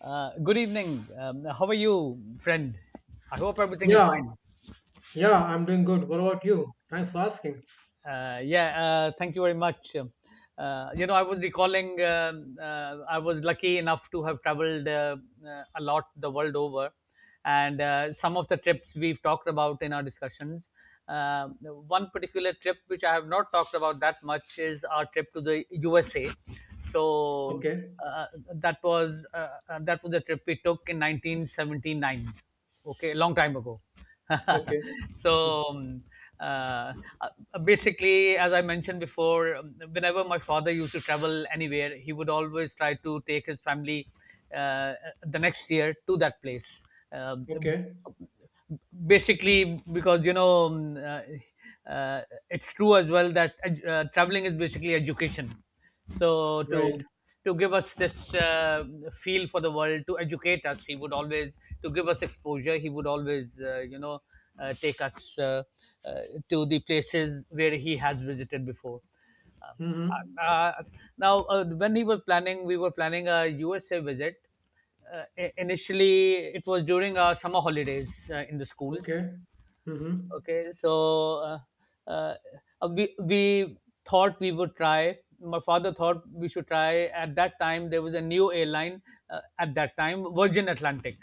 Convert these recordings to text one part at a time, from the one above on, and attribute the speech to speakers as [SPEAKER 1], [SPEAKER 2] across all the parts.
[SPEAKER 1] Good evening. How are you, friend? I hope everything is
[SPEAKER 2] Yeah,
[SPEAKER 1] fine.
[SPEAKER 2] yeah, I'm doing good. What about you? Thanks for asking.
[SPEAKER 1] Yeah, Thank you very much. You know, I was recalling um I was lucky enough to have traveled a lot the world over, and some of the trips we've talked about in our discussions. Uh, One particular trip which I have not talked about that much is our trip to the USA. So
[SPEAKER 2] Okay,
[SPEAKER 1] uh, that was the trip we took in 1979. Okay, a long time ago.
[SPEAKER 2] okay,
[SPEAKER 1] so um, uh, basically, as I mentioned before, whenever my father used to travel anywhere, he would always try to take his family uh, the next year to that place. Um
[SPEAKER 2] okay,
[SPEAKER 1] basically because uh, uh, it's true as well that traveling is basically education. so
[SPEAKER 2] right.
[SPEAKER 1] to to give us this feel for the world, to educate us, he would always, to give us exposure, he would always, take us uh, to the places where he has visited before. Uh,
[SPEAKER 2] Mm-hmm.
[SPEAKER 1] uh, Now, when he was planning, we were planning a USA visit. Initially, it was during our summer holidays in the schools.
[SPEAKER 2] Okay. Mm-hmm.
[SPEAKER 1] Okay, so uh, uh, we thought we would try. My father thought we should try. At that time, there was a new airline. At that time, Virgin Atlantic,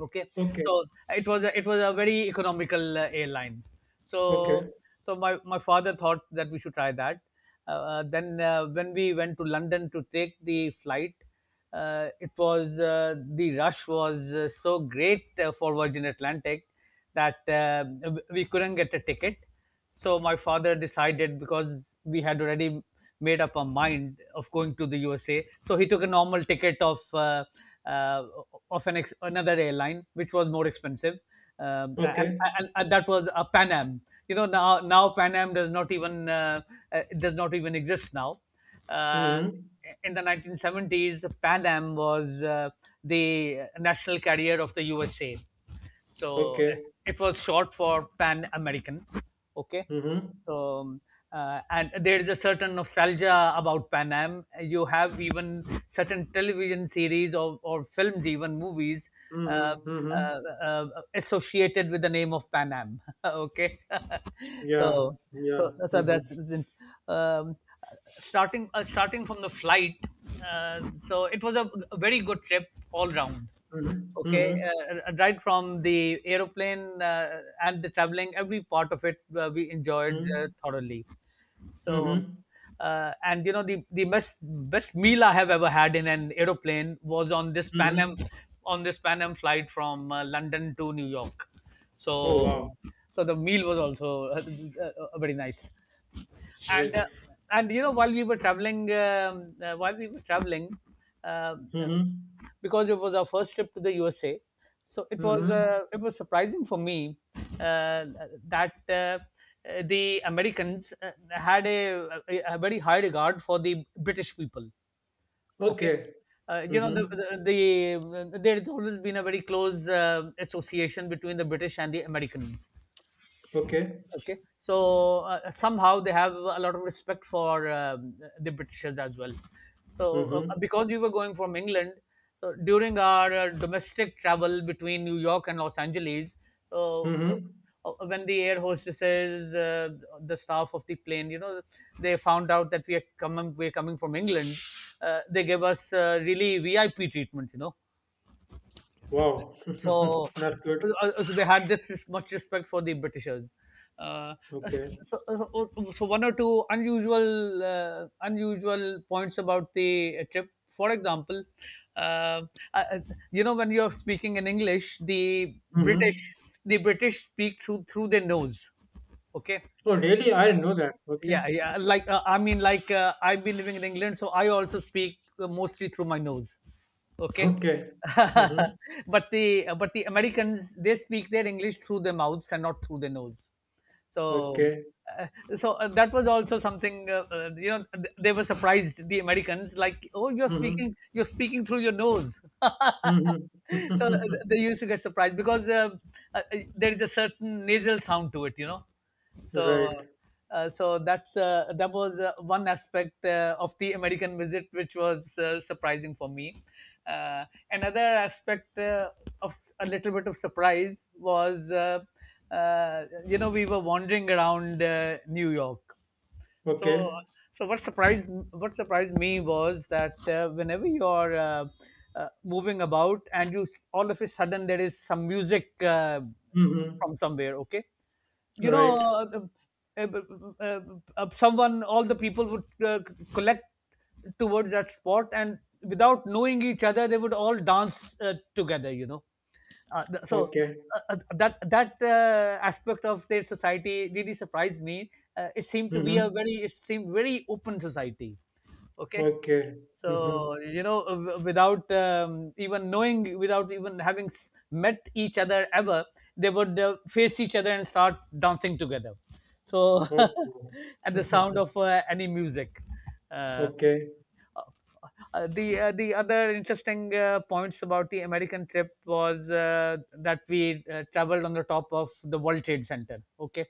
[SPEAKER 1] okay,
[SPEAKER 2] Okay,
[SPEAKER 1] so it was a very economical airline. so
[SPEAKER 2] okay,
[SPEAKER 1] so my, my father thought that we should try that. Then When we went to London to take the flight, it was, the rush was so great for Virgin Atlantic that we couldn't get a ticket. So my father decided, because we had already made up our mind of going to the USA, so he took a normal ticket of uh, another airline, which was more expensive, um, and,
[SPEAKER 2] okay.
[SPEAKER 1] and that was a Pan Am. You know, now Pan Am does not even, does not even exist now. Uh,
[SPEAKER 2] Mm-hmm.
[SPEAKER 1] in the 1970s, Pan Am was the national carrier of the USA, so
[SPEAKER 2] Okay.
[SPEAKER 1] it was short for Pan American. Okay.
[SPEAKER 2] Mm-hmm.
[SPEAKER 1] So, and there is a certain nostalgia about Pan Am. You have even certain television series, or films, even movies, uh,
[SPEAKER 2] Mm-hmm. Mm-hmm.
[SPEAKER 1] uh, uh, associated with the name of Pan Am. Okay.
[SPEAKER 2] Yeah,
[SPEAKER 1] so, so,
[SPEAKER 2] yeah.
[SPEAKER 1] so
[SPEAKER 2] Mm-hmm.
[SPEAKER 1] that's um, starting starting from the flight. So it was a very good trip all round.
[SPEAKER 2] Mm-hmm.
[SPEAKER 1] Okay,
[SPEAKER 2] Mm-hmm.
[SPEAKER 1] right from the aeroplane and the traveling, every part of it we enjoyed
[SPEAKER 2] Mm-hmm.
[SPEAKER 1] thoroughly. So,
[SPEAKER 2] Mm-hmm.
[SPEAKER 1] and you know the best meal I have ever had in an aeroplane was on this Pan Am,
[SPEAKER 2] Mm-hmm.
[SPEAKER 1] on this Pan Am flight from London to New York.
[SPEAKER 2] Oh,
[SPEAKER 1] So,
[SPEAKER 2] wow.
[SPEAKER 1] so the meal was also very nice. and
[SPEAKER 2] Right.
[SPEAKER 1] uh, and you know, while we were traveling, while we were traveling, um, uh,
[SPEAKER 2] Mm-hmm.
[SPEAKER 1] because it was our first trip to the USA, so it was,
[SPEAKER 2] Mm-hmm.
[SPEAKER 1] it was surprising for me uh, that the Americans had a very high regard for the British people. Okay.
[SPEAKER 2] Okay.
[SPEAKER 1] You know the,
[SPEAKER 2] Mm-hmm.
[SPEAKER 1] the, the there's always been a very close association between the British and the Americans.
[SPEAKER 2] Okay.
[SPEAKER 1] Okay, so somehow they have a lot of respect for the Britishers as well. So
[SPEAKER 2] Mm-hmm.
[SPEAKER 1] because we were going from England, so during our domestic travel between New York and Los Angeles, uh, uh,
[SPEAKER 2] Mm-hmm.
[SPEAKER 1] when the air hostesses, the staff of the plane, you know, they found out that we're coming from England, they gave us really VIP treatment, you know.
[SPEAKER 2] Wow.
[SPEAKER 1] So,
[SPEAKER 2] That's good.
[SPEAKER 1] so they had this much respect for the Britishers. Uh,
[SPEAKER 2] Okay.
[SPEAKER 1] so one or two unusual unusual points about the trip. For example, uh, uh, you know, when you are speaking in English, the
[SPEAKER 2] Mm-hmm.
[SPEAKER 1] British speak through their nose. Okay,
[SPEAKER 2] Oh, really? I didn't know that. Okay.
[SPEAKER 1] yeah, yeah, like I mean, like, I've been living in England, so I also speak mostly through my nose. Okay.
[SPEAKER 2] Okay. Mm-hmm.
[SPEAKER 1] But the Americans, they speak their English through their mouths and not through their nose. So
[SPEAKER 2] Okay.
[SPEAKER 1] uh, that was also something, you know, they were surprised, the Americans, like, oh, you're
[SPEAKER 2] Mm-hmm.
[SPEAKER 1] speaking, you're speaking through your nose.
[SPEAKER 2] Mm-hmm.
[SPEAKER 1] So they used to get surprised, because there is a certain nasal sound to it, you know. So,
[SPEAKER 2] Right.
[SPEAKER 1] that was one aspect of the American visit, which was surprising for me. Uh, Another aspect of a little bit of surprise was, you know, we were wandering around New York. So,
[SPEAKER 2] Okay.
[SPEAKER 1] what surprised me was that, whenever you're moving about, and you all of a sudden there is some music
[SPEAKER 2] Mm-hmm.
[SPEAKER 1] from somewhere, okay, you know,
[SPEAKER 2] Right.
[SPEAKER 1] uh, uh, uh, someone all the people would collect towards that spot, and without knowing each other they would all dance together, you know. uh, th- so
[SPEAKER 2] Okay.
[SPEAKER 1] that aspect of their society really surprised me. uh, it seemed to be a
[SPEAKER 2] Mm-hmm.
[SPEAKER 1] very it seemed very open society. Okay.
[SPEAKER 2] Okay. Mm-hmm.
[SPEAKER 1] So, you know, without even knowing, without even having met each other ever, they would face each other and start dancing together. So,
[SPEAKER 2] Okay.
[SPEAKER 1] at the sound of any music. Uh,
[SPEAKER 2] Okay.
[SPEAKER 1] the other interesting points about the American trip was that we traveled on the top of the World Trade Center. Okay,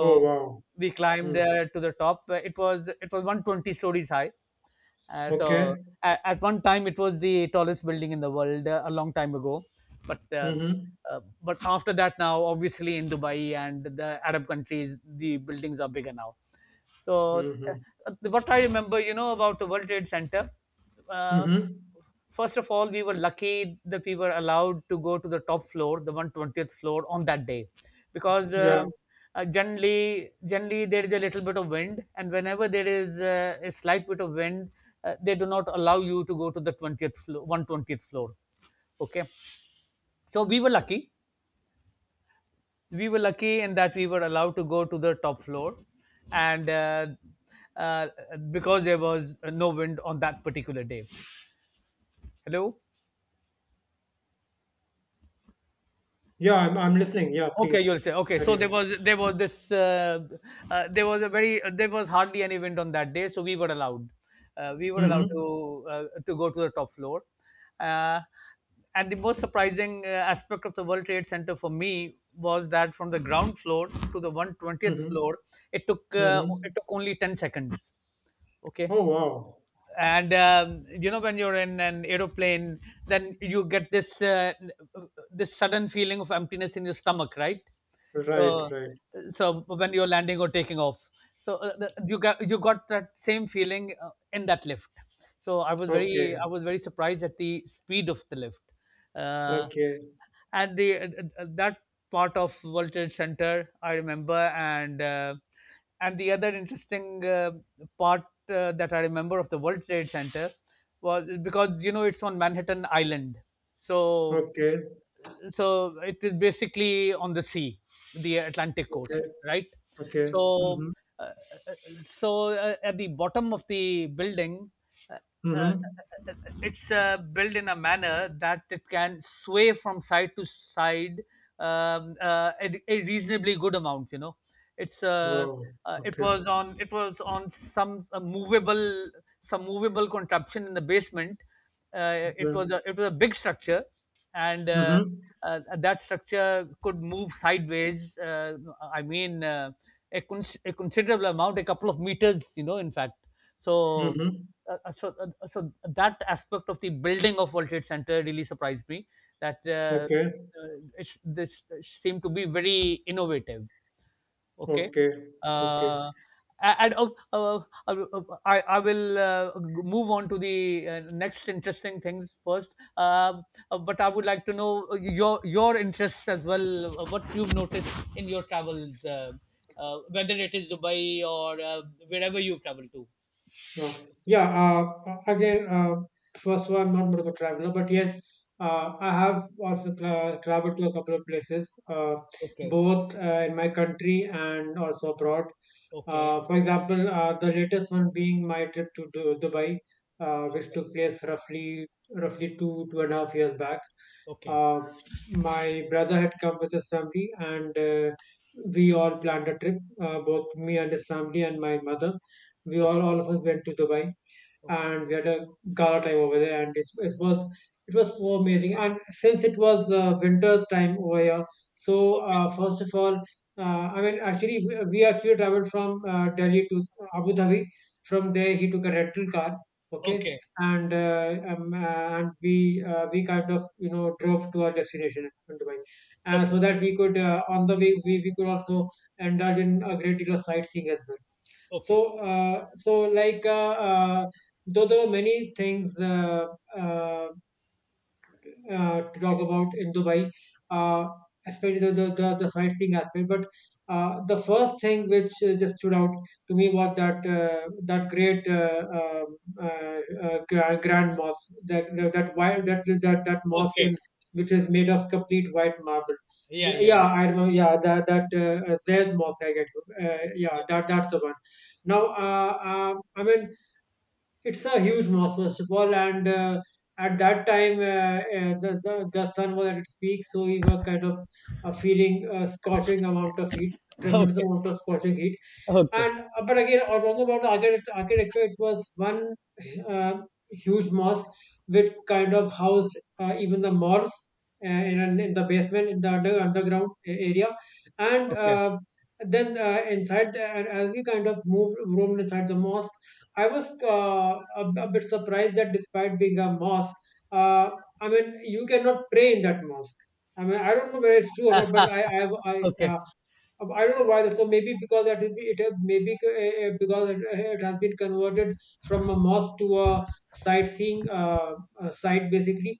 [SPEAKER 2] Oh, wow.
[SPEAKER 1] we climbed
[SPEAKER 2] Mm.
[SPEAKER 1] to the top. It was 120 stories high. Uh,
[SPEAKER 2] Okay.
[SPEAKER 1] so at one time it was the tallest building in the world, a long time ago, but uh,
[SPEAKER 2] Mm-hmm.
[SPEAKER 1] but after that, now obviously in Dubai and the Arab countries the buildings are bigger now. So,
[SPEAKER 2] Mm-hmm.
[SPEAKER 1] what I remember, you know, about the World Trade Center, uh,
[SPEAKER 2] Mm-hmm.
[SPEAKER 1] first of all, we were lucky that we were allowed to go to the top floor, the 120th floor, on that day, because
[SPEAKER 2] Yeah.
[SPEAKER 1] generally there is a little bit of wind, and whenever there is a slight bit of wind, they do not allow you to go to the 20th floor, 120th floor. Okay, so we were lucky in that we were allowed to go to the top floor, and uh, because there was no wind on that particular day. Hello?
[SPEAKER 2] Yeah, I'm listening. Yeah,
[SPEAKER 1] Okay,
[SPEAKER 2] please.
[SPEAKER 1] you'll say okay. So
[SPEAKER 2] Carry
[SPEAKER 1] there
[SPEAKER 2] on.
[SPEAKER 1] was there was this, there was hardly any wind on that day, so we were allowed, we were allowed to,
[SPEAKER 2] Mm-hmm.
[SPEAKER 1] to go to the top floor. Uh, and the most surprising aspect of the World Trade Center for me was that from the ground floor to the 120th
[SPEAKER 2] Mm-hmm.
[SPEAKER 1] floor it took,
[SPEAKER 2] Mm-hmm.
[SPEAKER 1] it took only 10 seconds. Okay.
[SPEAKER 2] Oh, wow.
[SPEAKER 1] And you know, when you're in an aeroplane, then you get this sudden feeling of emptiness in your stomach, right?
[SPEAKER 2] Right,
[SPEAKER 1] So,
[SPEAKER 2] right.
[SPEAKER 1] so when you're landing or taking off, so you got that same feeling in that lift. So i was very
[SPEAKER 2] Okay.
[SPEAKER 1] i was very surprised at the speed of the lift. Uh,
[SPEAKER 2] Okay.
[SPEAKER 1] and the that part of Voltage center I remember. And uh, and the other interesting part that I remember of the World Trade Center was, because you know, it's on Manhattan Island, so
[SPEAKER 2] Okay,
[SPEAKER 1] so it is basically on the sea, the Atlantic
[SPEAKER 2] okay,
[SPEAKER 1] coast, right?
[SPEAKER 2] okay.
[SPEAKER 1] So,
[SPEAKER 2] Mm-hmm.
[SPEAKER 1] uh, uh, at the bottom of the building, uh, uh,
[SPEAKER 2] Mm-hmm.
[SPEAKER 1] uh, it's built in a manner that it can sway from side to side, a reasonably good amount, you know. It's
[SPEAKER 2] Wow. Okay.
[SPEAKER 1] it was on some movable contraption in the basement. Uh, it
[SPEAKER 2] Okay.
[SPEAKER 1] was a, it was a big structure, and
[SPEAKER 2] Mm-hmm.
[SPEAKER 1] that structure could move sideways. I mean, a considerable amount, a couple of meters, you know. In fact, so
[SPEAKER 2] Mm-hmm.
[SPEAKER 1] uh, uh, so so that aspect of the building of World Trade Center really surprised me. That
[SPEAKER 2] Okay.
[SPEAKER 1] it's, this seemed to be very innovative. Okay.
[SPEAKER 2] Okay. Okay.
[SPEAKER 1] Uh, a- and uh, I will move on to the next interesting things first. But I would like to know your interests as well. What you've noticed in your travels, whether it is Dubai or wherever you've traveled to.
[SPEAKER 2] No. Yeah. Again, first of all, I'm not much of a traveler, but yes, I have also traveled to a couple of places,
[SPEAKER 1] Okay.
[SPEAKER 2] both in my country and also abroad.
[SPEAKER 1] Okay.
[SPEAKER 2] For example, the latest one being my trip to Dubai, which
[SPEAKER 1] Okay.
[SPEAKER 2] took place roughly two 2.5 years back.
[SPEAKER 1] Okay.
[SPEAKER 2] Uh, my brother had come with his family, and we all planned a trip, both me and his family and my mother, we all of us went to Dubai,
[SPEAKER 1] Okay.
[SPEAKER 2] and we had a gala time over there. And it was so amazing. And since it was winter's time over here, so
[SPEAKER 1] Okay.
[SPEAKER 2] first of all, uh, I mean, actually, we actually traveled from Delhi to Abu Dhabi. From there, he took a rental car. Okay,
[SPEAKER 1] Okay.
[SPEAKER 2] and we kind of drove to our destination in Dubai,
[SPEAKER 1] Okay. Okay.
[SPEAKER 2] so that we could on the way we could also indulge in a great deal of sightseeing as well.
[SPEAKER 1] Okay.
[SPEAKER 2] So, like, though there were many things uh, to talk about in Dubai, uh, especially the sightseeing aspect. But the first thing which just stood out to me was that, that great, grand mosque, that that white that mosque,
[SPEAKER 1] Okay.
[SPEAKER 2] in which is made of complete white marble.
[SPEAKER 1] Yeah. Yeah.
[SPEAKER 2] Yeah,
[SPEAKER 1] Yeah.
[SPEAKER 2] I remember. Yeah, that Zayed mosque. I get. Yeah,
[SPEAKER 1] Yeah.
[SPEAKER 2] that's the one. Now, I mean, it's a huge mass, first of all, and at that time, the sun was at its peak, so we were kind of feeling scorching amount of heat, tremendous
[SPEAKER 1] Okay.
[SPEAKER 2] amount of scorching heat.
[SPEAKER 1] Okay.
[SPEAKER 2] And but again, talking about the architecture, it was one uh, huge mosque which kind of housed even the malls, in, in the basement, in the underground area, and
[SPEAKER 1] Okay.
[SPEAKER 2] then inside the, and as we kind of moved roamed inside the mosque, I was a bit surprised that despite being a mosque, uh, I mean you cannot pray in that mosque. I mean, I don't know whether it's true or not, but
[SPEAKER 1] Okay.
[SPEAKER 2] I don't know why that. So maybe because that is it. Maybe because it has been converted from a mosque to a sightseeing site, basically.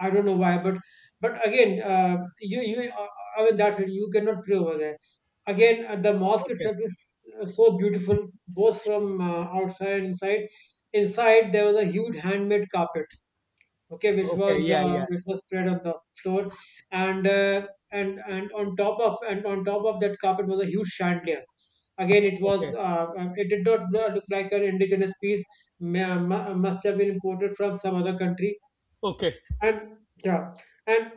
[SPEAKER 2] I don't know why, but again, you you I mean that's it. You cannot pray over there. Again, the mosque
[SPEAKER 1] Okay.
[SPEAKER 2] itself is so beautiful, both from outside and inside. Inside there was a huge handmade carpet, okay, which
[SPEAKER 1] Okay.
[SPEAKER 2] was
[SPEAKER 1] Yeah. Yeah.
[SPEAKER 2] spread on the floor. And and on top of that carpet was a huge chandelier. Again,
[SPEAKER 1] Okay.
[SPEAKER 2] it did not look like an indigenous piece, must have been imported from some other country.
[SPEAKER 1] Okay.
[SPEAKER 2] And yeah, and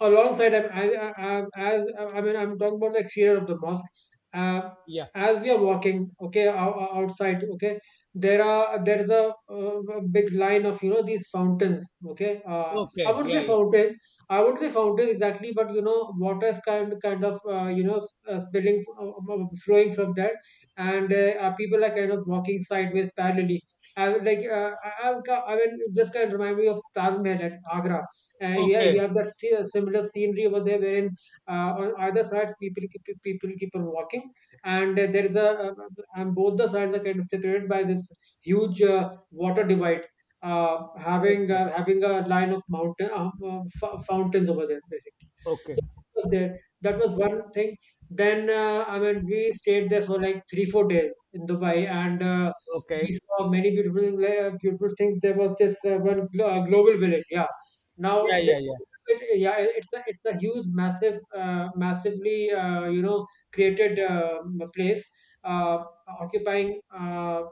[SPEAKER 2] alongside as, I mean, I'm talking about the exterior of the mosque, uh,
[SPEAKER 1] Yeah.
[SPEAKER 2] as we are walking, okay, outside, okay, there is a big line of, these fountains, okay. I
[SPEAKER 1] Okay.
[SPEAKER 2] would
[SPEAKER 1] Yeah.
[SPEAKER 2] say
[SPEAKER 1] Yeah.
[SPEAKER 2] fountains, exactly, but water is kind of spilling, flowing from that. And people are kind of walking sideways parallelly. I, would like I mean, this kind of remind me of Taj Mahal at Agra. Yeah,
[SPEAKER 1] Okay.
[SPEAKER 2] you have that similar scenery over there, wherein on either sides people keep on walking, and there is a and both the sides are kind of separated by this huge water divide,
[SPEAKER 1] Okay.
[SPEAKER 2] having a line of mountain, fountains over there, basically. So
[SPEAKER 1] Okay.
[SPEAKER 2] that was there. That was one thing. Then, I mean, we stayed there for like 3-4 days in Dubai, and we
[SPEAKER 1] Okay.
[SPEAKER 2] saw many beautiful things. Like, beautiful things. There was this, one global village. Yeah,
[SPEAKER 1] Yeah.
[SPEAKER 2] now this,
[SPEAKER 1] Yeah. Yeah.
[SPEAKER 2] yeah, it's a huge, massive, massively created, place, occupying.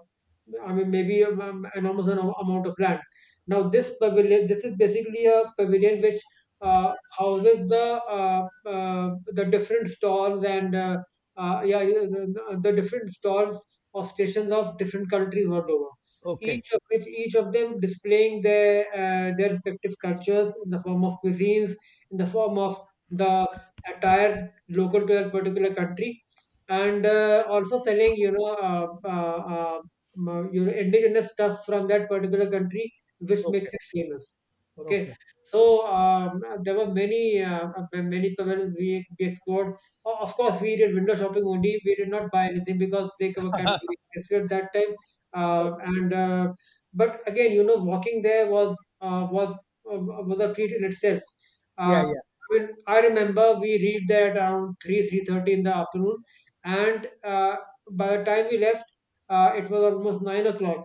[SPEAKER 2] I mean, maybe, enormous amount of land. Now, this pavilion, this is basically a pavilion which houses the, the different stalls, and yeah, yeah, the different stalls of stations of different countries world over.
[SPEAKER 1] Okay.
[SPEAKER 2] Each of which, each of them displaying their respective cultures in the form of cuisines, in the form of the attire local to that particular country, and also selling, indigenous stuff from that particular country which makes
[SPEAKER 1] Okay.
[SPEAKER 2] it famous, okay.
[SPEAKER 1] Okay.
[SPEAKER 2] So, there were many, many pavilions we explored. Of course we did window shopping only, we did not buy anything because they were kind of expensive at that time,
[SPEAKER 1] Oh,
[SPEAKER 2] and but again, walking there was, uh, was uh, was a treat in itself,
[SPEAKER 1] yeah.
[SPEAKER 2] uh,
[SPEAKER 1] Yeah.
[SPEAKER 2] I mean, I remember we reached there at around 3 3:30 in the afternoon, and by the time we left, it was almost 9 o'clock,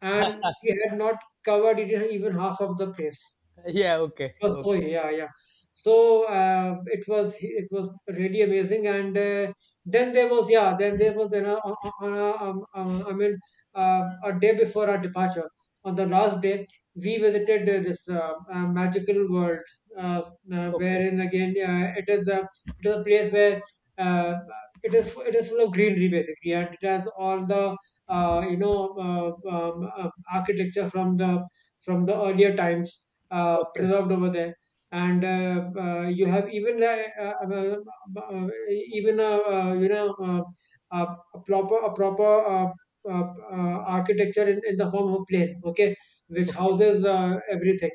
[SPEAKER 2] and we had not covered it even half of the place.
[SPEAKER 1] Yeah. Okay.
[SPEAKER 2] It was so,
[SPEAKER 1] Okay.
[SPEAKER 2] yeah, yeah. So it was really amazing, and then there was, yeah, then there was an on a, I mean a day before our departure. On the last day, we visited, this, magical world, uh,
[SPEAKER 1] Okay.
[SPEAKER 2] wherein again, it is a place where uh, it is full of greenery basically, and it has all the, architecture from the earlier times,
[SPEAKER 1] Okay.
[SPEAKER 2] preserved over there. And you have even, even a proper architecture in the form of plane, okay, which
[SPEAKER 1] Okay.
[SPEAKER 2] houses everything.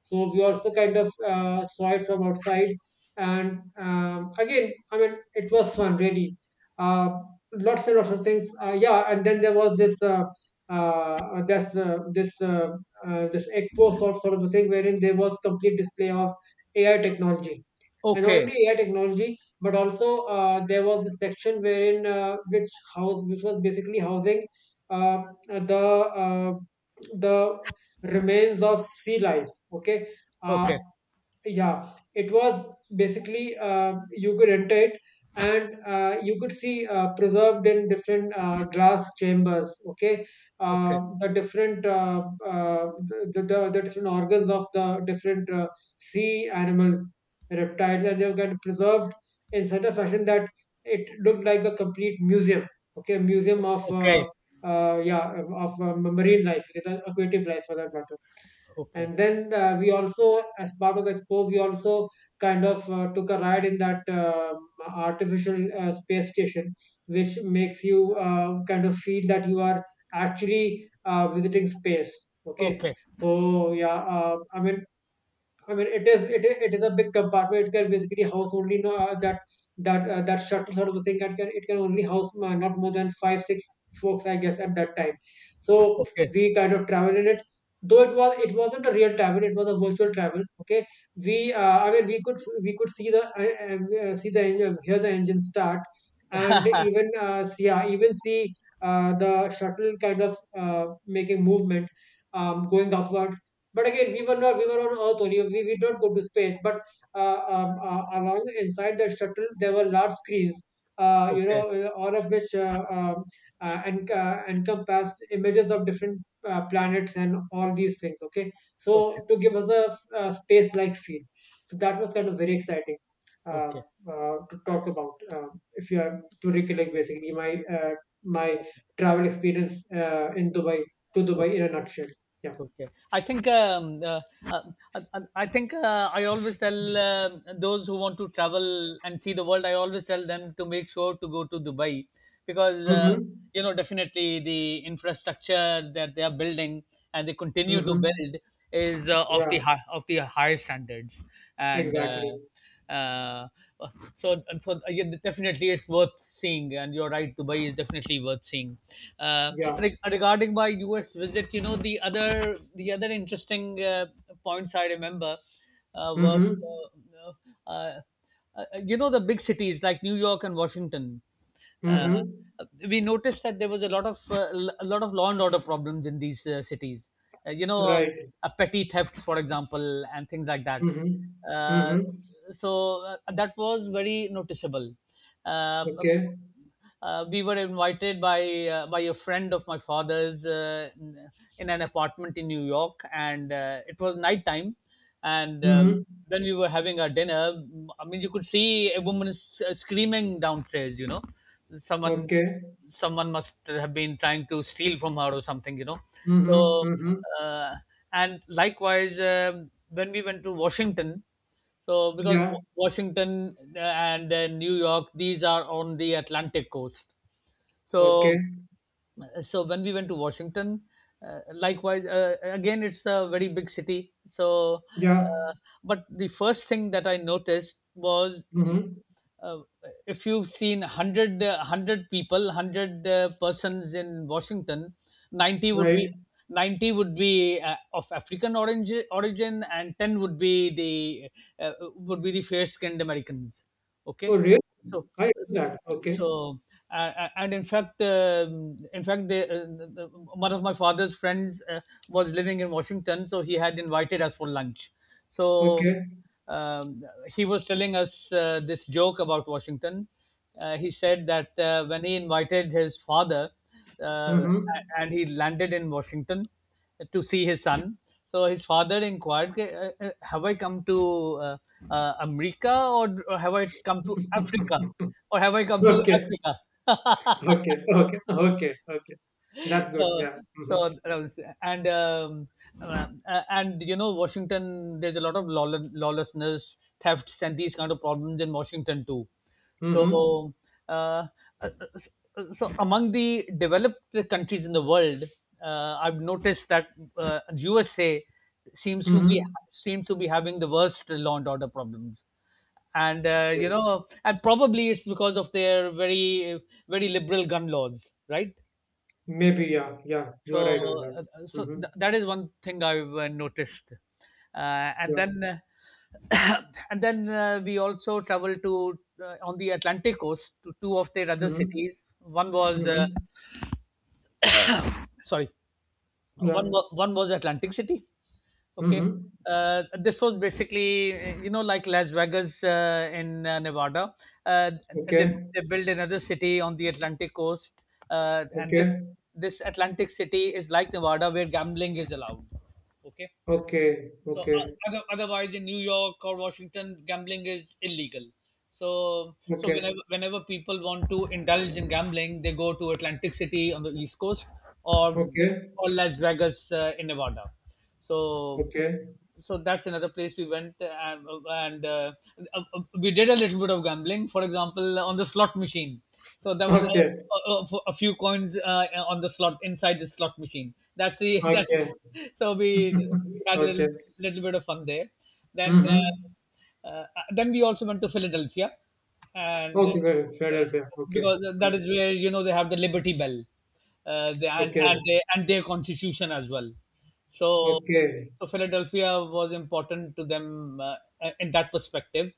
[SPEAKER 2] So we also kind of saw it from outside, and, again, I mean, it was fun really, uh, lots and lots of things, yeah. And then there was this, uh, this uh, this uh, this sort of a thing wherein there was complete display of AI technology. And not only AI technology, but also there was this section wherein, which was basically housing the, the remains of sea life. Okay, uh,
[SPEAKER 1] Okay.
[SPEAKER 2] yeah, it was basically, you could enter it, and you could see, preserved in different glass chambers, okay,
[SPEAKER 1] Okay.
[SPEAKER 2] the different, the different organs of the different sea animals, reptiles, and they were kind of preserved in such a fashion that it looked like a complete museum, okay, museum of, yeah, of, marine life, aquatic life, for that matter.
[SPEAKER 1] Okay. Okay.
[SPEAKER 2] And then, we also, as part of the expo, we also kind of took a ride in that, artificial space station, which makes you kind of feel that you are actually visiting space, okay.
[SPEAKER 1] Okay. Okay. Okay.
[SPEAKER 2] So, yeah, I mean, it is a big compartment. It can basically house only, no, that, that shuttle sort of a thing. That can It can only house, not more than five six folks, I guess, at that time. So we kind of travel in it. Though it wasn't a real travel, it was a virtual travel. Okay, we I mean we could see the, see the engine, hear the engine start, and even, yeah, even see the shuttle kind of making movement, going upward. But again, we were not we were on Earth only. We did not go to space. But along inside the shuttle, there were large screens.
[SPEAKER 1] Okay.
[SPEAKER 2] All of which and encompassed images of different planets and all these things. Okay,
[SPEAKER 1] Okay. Okay.
[SPEAKER 2] so to give us a, space-like feel, so that was kind of very exciting uh,
[SPEAKER 1] Okay.
[SPEAKER 2] to talk about. If you are to recollect, basically my travel experience in Dubai to Dubai
[SPEAKER 1] Okay.
[SPEAKER 2] in a nutshell. Yeah.
[SPEAKER 1] Okay, I think uh, I think I always tell those who want to travel and see the world. I always tell them to make sure to go to Dubai because
[SPEAKER 2] Mm-hmm.
[SPEAKER 1] you know definitely the infrastructure that they are building and they continue to
[SPEAKER 2] Mm-hmm.
[SPEAKER 1] build is uh, of the
[SPEAKER 2] Yeah,
[SPEAKER 1] hi- of the higher standards and
[SPEAKER 2] exactly.
[SPEAKER 1] uh, so and so yeah, definitely it's worth seeing, and you're right, Dubai is definitely worth seeing. uh,
[SPEAKER 2] Yeah.
[SPEAKER 1] Regarding my US visit, you know, the other interesting points I remember uh, were
[SPEAKER 2] Mm-hmm.
[SPEAKER 1] uh, uh, uh, you know the big cities like New York and Washington. Uh,
[SPEAKER 2] Mm-hmm.
[SPEAKER 1] we noticed that there was a lot of law and order problems in these cities. Uh, you know, um,
[SPEAKER 2] Right.
[SPEAKER 1] Petty thefts, for example, and things like that.
[SPEAKER 2] Mm-hmm.
[SPEAKER 1] Uh,
[SPEAKER 2] Mm-hmm.
[SPEAKER 1] so that was very noticeable. Uh,
[SPEAKER 2] Okay.
[SPEAKER 1] we were invited by a friend of my father's in an apartment in New York, and it was nighttime. And
[SPEAKER 2] Mm-hmm.
[SPEAKER 1] when we were having our dinner, I mean, you could see a woman screaming downstairs. You know, someone
[SPEAKER 2] Okay.
[SPEAKER 1] someone must have been trying to steal from her or something. You know,
[SPEAKER 2] Mm-hmm.
[SPEAKER 1] so
[SPEAKER 2] Mm-hmm.
[SPEAKER 1] uh, and likewise, um, when we went to Washington. So because
[SPEAKER 2] Yeah.
[SPEAKER 1] Washington and then New York, these are on the Atlantic coast.
[SPEAKER 2] Okay.
[SPEAKER 1] So so when we went to Washington, likewise, again, it's a very big city, so
[SPEAKER 2] Yeah.
[SPEAKER 1] uh, but the first thing that I noticed was
[SPEAKER 2] Mm-hmm.
[SPEAKER 1] uh, if you've seen 100 100 people 100 persons in Washington, 90 would be
[SPEAKER 2] Right.
[SPEAKER 1] 90 would be of African origin, origin, and 10 the would be the fair skinned americans.
[SPEAKER 2] Oh,
[SPEAKER 1] Okay,
[SPEAKER 2] really?
[SPEAKER 1] so
[SPEAKER 2] I do that. Okay.
[SPEAKER 1] so and in fact, um, in fact, one of my father's friends was living in Washington, so he had invited us for lunch. So
[SPEAKER 2] Okay.
[SPEAKER 1] he was telling us this joke about Washington. He said that when he invited his father, uh,
[SPEAKER 2] Mm-hmm.
[SPEAKER 1] a- and he landed in Washington to see his son, so his father inquired, "Okay, have I come to uh, America, or have I come to Africa, or have I come to
[SPEAKER 2] Okay.
[SPEAKER 1] Africa?"
[SPEAKER 2] Okay. Okay. Okay. Okay. That's
[SPEAKER 1] So
[SPEAKER 2] good. Yeah.
[SPEAKER 1] so
[SPEAKER 2] Mm-hmm.
[SPEAKER 1] that was- and um, uh, and you know Washington, there's a lot of lawl- lawlessness, thefts, and these kind of problems in Washington too.
[SPEAKER 2] Mm-hmm.
[SPEAKER 1] So uh, uh, so among the developed countries in the world, I've noticed that USA seems to be
[SPEAKER 2] Mm-hmm.
[SPEAKER 1] seem to be having the worst law and order problems, and you
[SPEAKER 2] Yes.
[SPEAKER 1] know, and probably it's because of their very very liberal gun laws, right?
[SPEAKER 2] Maybe. Yeah. Yeah. You are right on
[SPEAKER 1] So
[SPEAKER 2] that. Mm-hmm.
[SPEAKER 1] that is one thing I've noticed. And
[SPEAKER 2] Yeah.
[SPEAKER 1] then uh, and then we also traveled to on the Atlantic coast to two of their other
[SPEAKER 2] Mm-hmm.
[SPEAKER 1] cities. One was
[SPEAKER 2] Mhm.
[SPEAKER 1] sorry,
[SPEAKER 2] Yeah.
[SPEAKER 1] one was Atlantic City. Okay.
[SPEAKER 2] Mhm.
[SPEAKER 1] This was basically, you know, like Las Vegas in Nevada. Uh, they,
[SPEAKER 2] Okay.
[SPEAKER 1] they built another city on the Atlantic coast, and this
[SPEAKER 2] Okay.
[SPEAKER 1] this Atlantic City is like Nevada, where gambling is allowed. Okay,
[SPEAKER 2] Okay.
[SPEAKER 1] so
[SPEAKER 2] Okay.
[SPEAKER 1] otherwise, in New York or Washington, gambling is illegal. So so
[SPEAKER 2] Okay.
[SPEAKER 1] whenever whenever people want to indulge in gambling, they go to Atlantic City on the East Coast, or
[SPEAKER 2] Okay.
[SPEAKER 1] or Las Vegas in Nevada. So
[SPEAKER 2] Okay.
[SPEAKER 1] so that's another place we went. And we did a little bit of gambling, for example, on the slot machine. So there was
[SPEAKER 2] Okay.
[SPEAKER 1] a few coins on the slot, inside the slot machine. That's the that's
[SPEAKER 2] Okay.
[SPEAKER 1] So we had a
[SPEAKER 2] Okay.
[SPEAKER 1] little, little bit of fun there. Then
[SPEAKER 2] Mhm.
[SPEAKER 1] uh, uh, then we also went to Philadelphia, and
[SPEAKER 2] Okay. Fair. Fair. Fair. Okay.
[SPEAKER 1] because that
[SPEAKER 2] Mm.
[SPEAKER 1] is where, you know, they have the Liberty Bell,
[SPEAKER 2] Okay.
[SPEAKER 1] and they, and their constitution as well. So
[SPEAKER 2] Okay.
[SPEAKER 1] so Philadelphia was important to them in that perspective.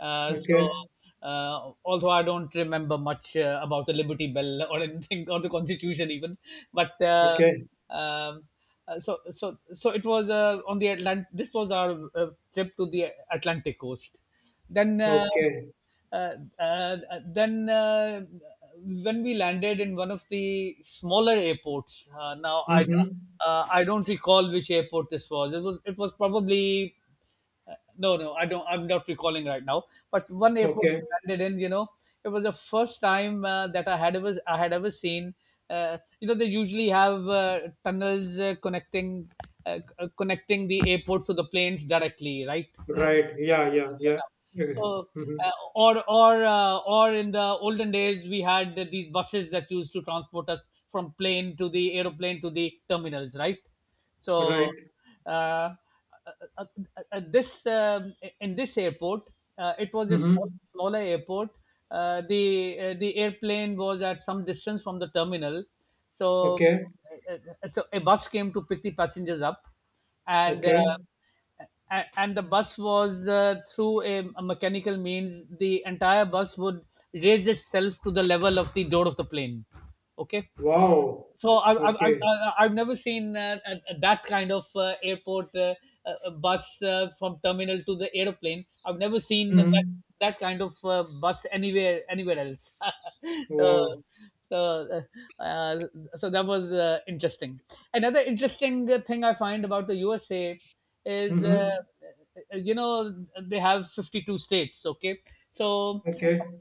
[SPEAKER 1] Uh, so,
[SPEAKER 2] Okay.
[SPEAKER 1] Although I don't remember much about the Liberty Bell or anything, or the Constitution even, but
[SPEAKER 2] Okay.
[SPEAKER 1] um, so so so it was on the Atlantic. This was our trip to the Atlantic coast. Then.
[SPEAKER 2] Okay.
[SPEAKER 1] Uh, and Then when we landed in one of the smaller airports, now I
[SPEAKER 2] Mhm.
[SPEAKER 1] I don't recall which airport this was. It was it was probably no no, I don't, I'm not recalling right now. But one airport
[SPEAKER 2] Okay.
[SPEAKER 1] we landed in, you know, it was the first time that I had ever I had ever seen, you know, they usually have tunnels connecting the airports to the planes directly, right? Uh,
[SPEAKER 2] Right. Yeah. Yeah. Yeah.
[SPEAKER 1] Now.
[SPEAKER 2] Okay.
[SPEAKER 1] So,
[SPEAKER 2] Mhm.
[SPEAKER 1] or in the olden days, we had these buses that used to transport us from plane to the terminals, right? So,
[SPEAKER 2] Right.
[SPEAKER 1] uh, uh, uh, this in this airport, it was a small,
[SPEAKER 2] Mhm.
[SPEAKER 1] smaller airport. The airplane was at some distance from the terminal, so
[SPEAKER 2] Okay.
[SPEAKER 1] uh, so a bus came to pick the passengers up, and
[SPEAKER 2] Okay.
[SPEAKER 1] uh, and the bus was through a mechanical means, the entire bus would raise itself to the level of the door of the plane. Okay,
[SPEAKER 2] Wow.
[SPEAKER 1] so
[SPEAKER 2] Okay.
[SPEAKER 1] I've never seen that kind of airport bus from terminal to the aeroplane. I've never seen that
[SPEAKER 2] Mhm.
[SPEAKER 1] that kind of bus anywhere anywhere else. So
[SPEAKER 2] Wow.
[SPEAKER 1] so uh, uh, so that was interesting. Another interesting thing I find about the USA is
[SPEAKER 2] Mhm.
[SPEAKER 1] you know they have 52 states. Okay, so
[SPEAKER 2] Okay.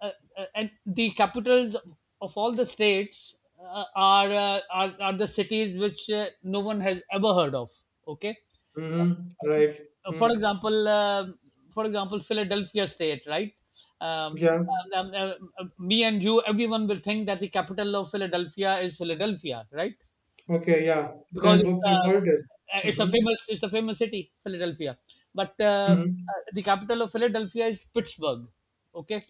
[SPEAKER 1] uh, and the capitals of all the states are the cities which no one has ever heard of. Okay.
[SPEAKER 2] Mm-hmm. Right.
[SPEAKER 1] For
[SPEAKER 2] Mm.
[SPEAKER 1] example, for example, Philadelphia state, right? um,
[SPEAKER 2] Yeah.
[SPEAKER 1] um, uh, Me and you, everyone will think that the capital of Philadelphia is Philadelphia, right?
[SPEAKER 2] Okay. Yeah.
[SPEAKER 1] Because
[SPEAKER 2] Then book my holidays.
[SPEAKER 1] it's a
[SPEAKER 2] Mm-hmm.
[SPEAKER 1] famous, it's a famous city, Philadelphia. But
[SPEAKER 2] Mm-hmm.
[SPEAKER 1] the capital of Philadelphia is Pittsburgh. Okay.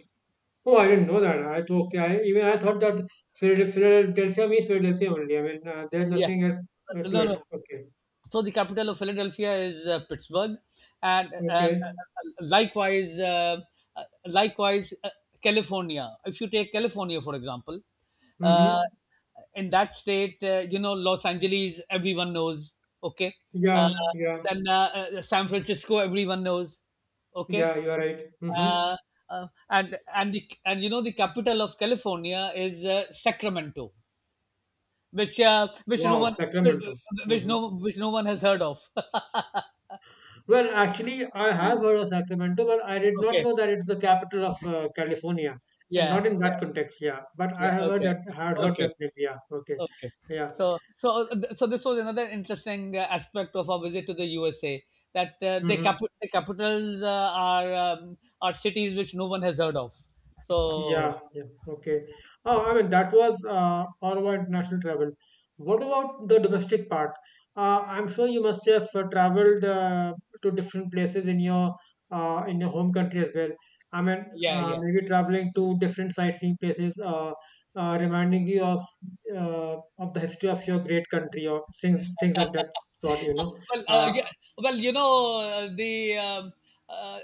[SPEAKER 2] Oh, I didn't know that. I thought, okay, I even I thought that Philad- Philadelphia means Philadelphia only. I mean, there's
[SPEAKER 1] Yeah,
[SPEAKER 2] nothing else to
[SPEAKER 1] no no,
[SPEAKER 2] it. Okay.
[SPEAKER 1] so the capital of Philadelphia is Pittsburgh. And
[SPEAKER 2] Okay.
[SPEAKER 1] likewise, California. If you take California, for example, uh,
[SPEAKER 2] Mm-hmm.
[SPEAKER 1] in that state, you know, Los Angeles, everyone knows. Okay, uh,
[SPEAKER 2] Yeah. Yeah.
[SPEAKER 1] then San Francisco, everyone knows. Okay,
[SPEAKER 2] Yeah. You're right. Mm-hmm.
[SPEAKER 1] uh, and the, and you know the capital of California is Sacramento, which no
[SPEAKER 2] Wow.
[SPEAKER 1] one which
[SPEAKER 2] Sacramento. Mm-hmm.
[SPEAKER 1] which no one has heard of.
[SPEAKER 2] Well, actually, I have heard of Sacramento, but I did not
[SPEAKER 1] Okay.
[SPEAKER 2] know that it's the capital of California, and
[SPEAKER 1] Yeah.
[SPEAKER 2] not in
[SPEAKER 1] Yeah.
[SPEAKER 2] that context. Yeah, but I
[SPEAKER 1] Yeah.
[SPEAKER 2] have heard
[SPEAKER 1] Okay.
[SPEAKER 2] that. Had heard
[SPEAKER 1] Okay.
[SPEAKER 2] that. Name, Yeah. Okay.
[SPEAKER 1] Okay.
[SPEAKER 2] Yeah.
[SPEAKER 1] So so so this was another interesting aspect of our visit to the USA, that
[SPEAKER 2] Hmm.
[SPEAKER 1] the capitals are cities which no one has heard of. So
[SPEAKER 2] Yeah, yeah, okay. Oh, I mean, that was all about international travel. What about the domestic part? I'm sure you must have traveled to different places in your home country as well. I mean,
[SPEAKER 1] yeah, yeah.
[SPEAKER 2] maybe traveling to different sightseeing places, reminding you of the history of your great country or things things of that sort. You know.
[SPEAKER 1] Well,
[SPEAKER 2] Uh,
[SPEAKER 1] yeah, well, you know, the uh, uh,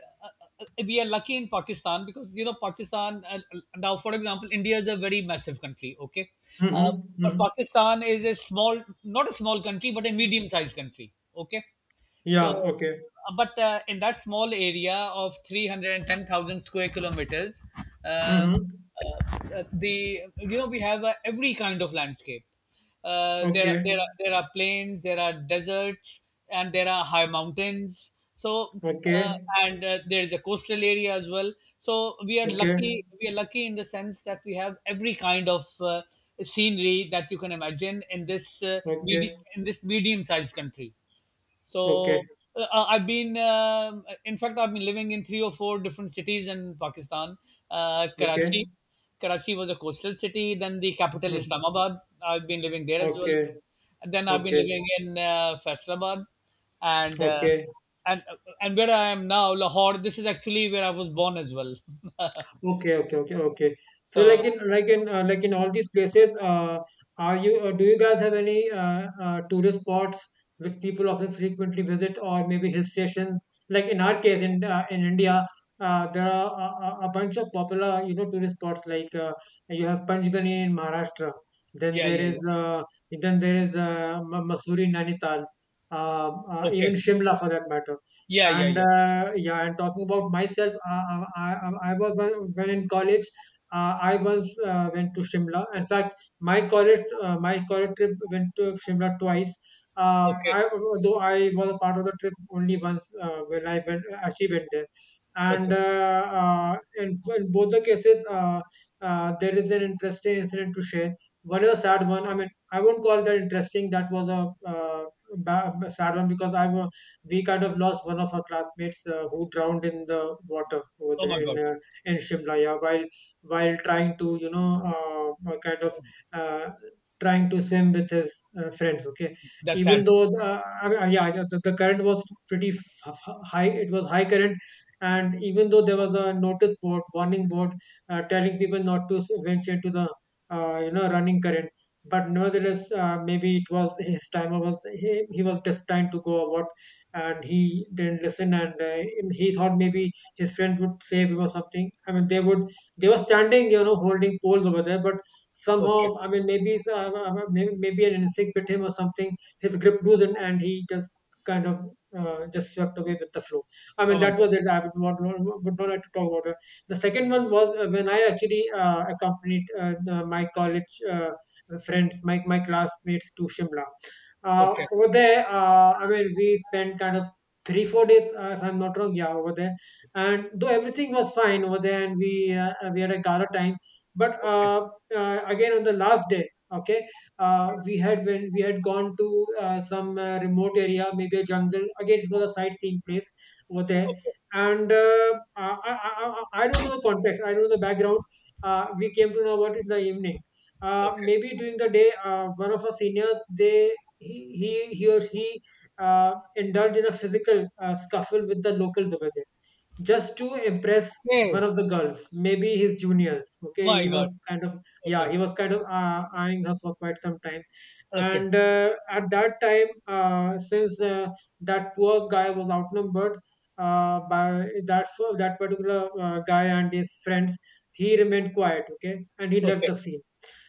[SPEAKER 1] we are lucky in Pakistan, because you know Pakistan. Now, for example, India is a very massive country. Okay,
[SPEAKER 2] mm-hmm,
[SPEAKER 1] uh, but
[SPEAKER 2] mm-hmm.
[SPEAKER 1] Pakistan is a small, not a small country, but a medium-sized country. Okay, so,
[SPEAKER 2] Yeah. Okay.
[SPEAKER 1] but in that small area of 310,000 square kilometers, uh, uh,
[SPEAKER 2] Mm-hmm.
[SPEAKER 1] the you know we have every kind of landscape. There are there
[SPEAKER 2] Okay.
[SPEAKER 1] are there are plains, there are deserts, and there are high mountains. So uh,
[SPEAKER 2] Okay.
[SPEAKER 1] and there is a coastal area as well. So we are
[SPEAKER 2] Okay.
[SPEAKER 1] lucky. We are lucky in the sense that we have every kind of scenery that you can imagine in this
[SPEAKER 2] Okay.
[SPEAKER 1] in this medium-sized country.
[SPEAKER 2] Okay,
[SPEAKER 1] So I've been, in fact, I've been living in three or four different cities in Pakistan.
[SPEAKER 2] okay,
[SPEAKER 1] Karachi, Karachi was a coastal city. Then the capital,
[SPEAKER 2] mhm,
[SPEAKER 1] Islamabad. I've been living there as well.
[SPEAKER 2] okay,
[SPEAKER 1] And then I've been
[SPEAKER 2] okay,
[SPEAKER 1] living in Faisalabad, and
[SPEAKER 2] okay,
[SPEAKER 1] and uh, and where I am now, Lahore. This is actually where I was born as well.
[SPEAKER 2] okay, okay, okay, okay. So, like
[SPEAKER 1] So
[SPEAKER 2] in like in like in all these places, are you do you guys have any tourist spots which people often frequently visit, or maybe hill stations? Like in our case, in India, there are a bunch of popular you know tourist spots. Like you have Panchgani in Maharashtra, then
[SPEAKER 1] yeah,
[SPEAKER 2] there
[SPEAKER 1] yeah,
[SPEAKER 2] is
[SPEAKER 1] yeah.
[SPEAKER 2] uh, then there is Masuri, Nainital,
[SPEAKER 1] Okay.
[SPEAKER 2] even Shimla for that matter,
[SPEAKER 1] Yeah, yeah,
[SPEAKER 2] and
[SPEAKER 1] yeah.
[SPEAKER 2] yeah, and talking about myself I was when in college I once went to Shimla. In fact, my college trip went to Shimla twice. uh,
[SPEAKER 1] Okay.
[SPEAKER 2] I though I was a part of the trip only once when I went actually went there, and
[SPEAKER 1] Okay.
[SPEAKER 2] uh, uh, in both the cases, there is an interesting incident to share. One is a sad one. I mean, I won't call that interesting. That was a sad one because I was we kind of lost one of our classmates who drowned in the water over
[SPEAKER 1] Oh
[SPEAKER 2] there
[SPEAKER 1] my God.
[SPEAKER 2] in Shimla, yeah, while trying to you know kind of
[SPEAKER 1] Oh,
[SPEAKER 2] uh, trying to swim with his friends. Okay,
[SPEAKER 1] that's
[SPEAKER 2] even
[SPEAKER 1] sad.
[SPEAKER 2] though the, I mean, yeah, the current was pretty high, it was high current, and even though there was a notice board, warning board, telling people not to venture into the you know running current, but nevertheless maybe it was his time or was he was destined to go or what? And he didn't listen, and he thought maybe his friends would save him or something. I mean they would they were standing, you know, holding poles over there, but
[SPEAKER 1] Okay.
[SPEAKER 2] somehow, I mean, maybe maybe an insect bit him or something. His grip loosened and he just kind of just swept away with the flow. I mean,
[SPEAKER 1] Oh my
[SPEAKER 2] that
[SPEAKER 1] God.
[SPEAKER 2] was it. I would not like to talk about it. The second one was when I actually accompanied my college friends, my classmates to Shimla.
[SPEAKER 1] Okay.
[SPEAKER 2] Over there, I mean, we spent kind of three, four days, if I'm not wrong. Yeah, over there, and though everything was fine over there, and we had a gala time, but
[SPEAKER 1] Okay.
[SPEAKER 2] again on the last day, okay, we had when we had gone to some remote area, maybe a jungle. Again, it was a sightseeing place over there,
[SPEAKER 1] Okay.
[SPEAKER 2] and I don't know the context. I don't know the background. We came to know about it in the evening,
[SPEAKER 1] Okay.
[SPEAKER 2] maybe during the day, one of our seniors they he he he or he indulged in a physical scuffle with the locals over there just to impress one
[SPEAKER 1] Okay.
[SPEAKER 2] of the girls, maybe his juniors. Okay,
[SPEAKER 1] My
[SPEAKER 2] he was
[SPEAKER 1] God.
[SPEAKER 2] kind of, yeah,
[SPEAKER 1] Okay.
[SPEAKER 2] he was kind of eyeing her for quite some time,
[SPEAKER 1] Okay.
[SPEAKER 2] and at that time, since that poor guy was outnumbered by that that particular guy and his friends, he remained quiet. Okay, and he left
[SPEAKER 1] Okay.
[SPEAKER 2] the scene,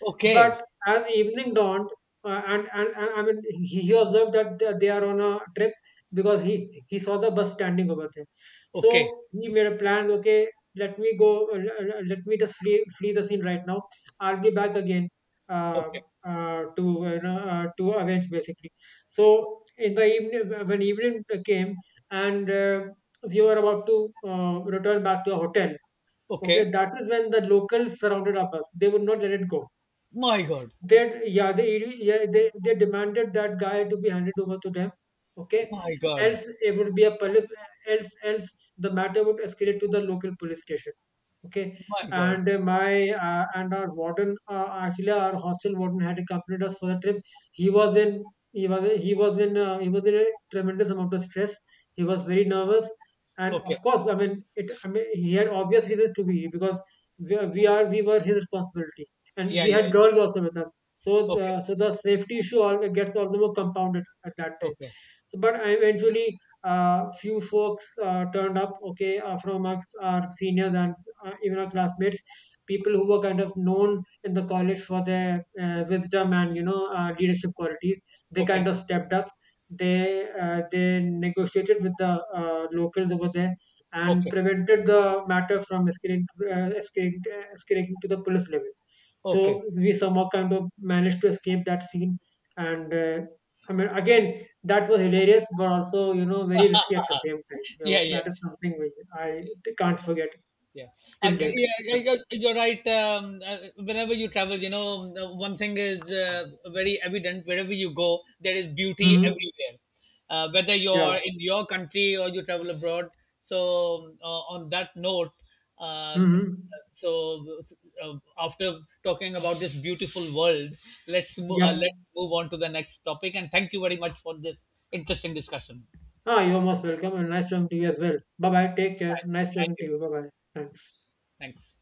[SPEAKER 1] Okay.
[SPEAKER 2] but as evening dawned, and I mean, he observed that they are on a trip because he saw the bus standing over there.
[SPEAKER 1] Okay.
[SPEAKER 2] So he made a plan. Okay, let me go. Let me just flee flee the scene right now. I'll be back again. Uh,
[SPEAKER 1] Okay.
[SPEAKER 2] to you know, to avenge basically. So in the evening, when evening came and we were about to return back to the hotel. Okay,
[SPEAKER 1] Okay.
[SPEAKER 2] that is when the locals surrounded our bus. They would not let it go,
[SPEAKER 1] My God.
[SPEAKER 2] that yeah, they demanded that guy to be handed over to them, okay,
[SPEAKER 1] My God.
[SPEAKER 2] else it would be a police, else else the matter would escalate to the local police station. Okay,
[SPEAKER 1] My God.
[SPEAKER 2] and my and our warden, actually our hostel warden had accompanied us for the trip. He was in a tremendous amount of stress. He was very nervous, and
[SPEAKER 1] Okay.
[SPEAKER 2] of course, I mean it. I mean, he had obvious reasons to be, because we, are- we are we were his responsibility, and
[SPEAKER 1] Yeah.
[SPEAKER 2] we
[SPEAKER 1] Yeah.
[SPEAKER 2] had
[SPEAKER 1] Yeah.
[SPEAKER 2] girls also with us.
[SPEAKER 1] Okay.
[SPEAKER 2] So the safety issue all gets all the more compounded at that time.
[SPEAKER 1] Okay.
[SPEAKER 2] So, but eventually, few folks turned up, okay, from amongst our seniors and even our classmates, people who were kind of known in the college for their wisdom and you know leadership qualities. They kind
[SPEAKER 1] Okay.
[SPEAKER 2] of stepped up. They negotiated with the locals over there and
[SPEAKER 1] Okay.
[SPEAKER 2] prevented the matter from escalating, escalating to the police level.
[SPEAKER 1] Okay.
[SPEAKER 2] So we somehow kind of managed to escape that scene. And I mean, again, that was hilarious, but also you know very risky at the same time. You know,
[SPEAKER 1] Yeah. Yeah.
[SPEAKER 2] that is something which can't forget
[SPEAKER 1] Yeah,
[SPEAKER 2] till date.
[SPEAKER 1] yeah,
[SPEAKER 2] Yep.
[SPEAKER 1] you're right. Whenever you travel, you know, the one thing is very evident. Wherever you go, there is beauty
[SPEAKER 2] Hmm.
[SPEAKER 1] everywhere. Whether
[SPEAKER 2] Yeah.
[SPEAKER 1] you're in your country or you travel abroad. So, on that note, uh,
[SPEAKER 2] Hmm.
[SPEAKER 1] so after talking about this beautiful world,
[SPEAKER 2] Yep.
[SPEAKER 1] let's move on to the next topic. And thank you very much for this interesting discussion.
[SPEAKER 2] Ah, you're most welcome, and nice talking to you as well. Bye bye. Take care.
[SPEAKER 1] Bye.
[SPEAKER 2] Nice
[SPEAKER 1] Thank
[SPEAKER 2] talking to
[SPEAKER 1] you.
[SPEAKER 2] you. Bye bye. Thanks.
[SPEAKER 1] Thanks.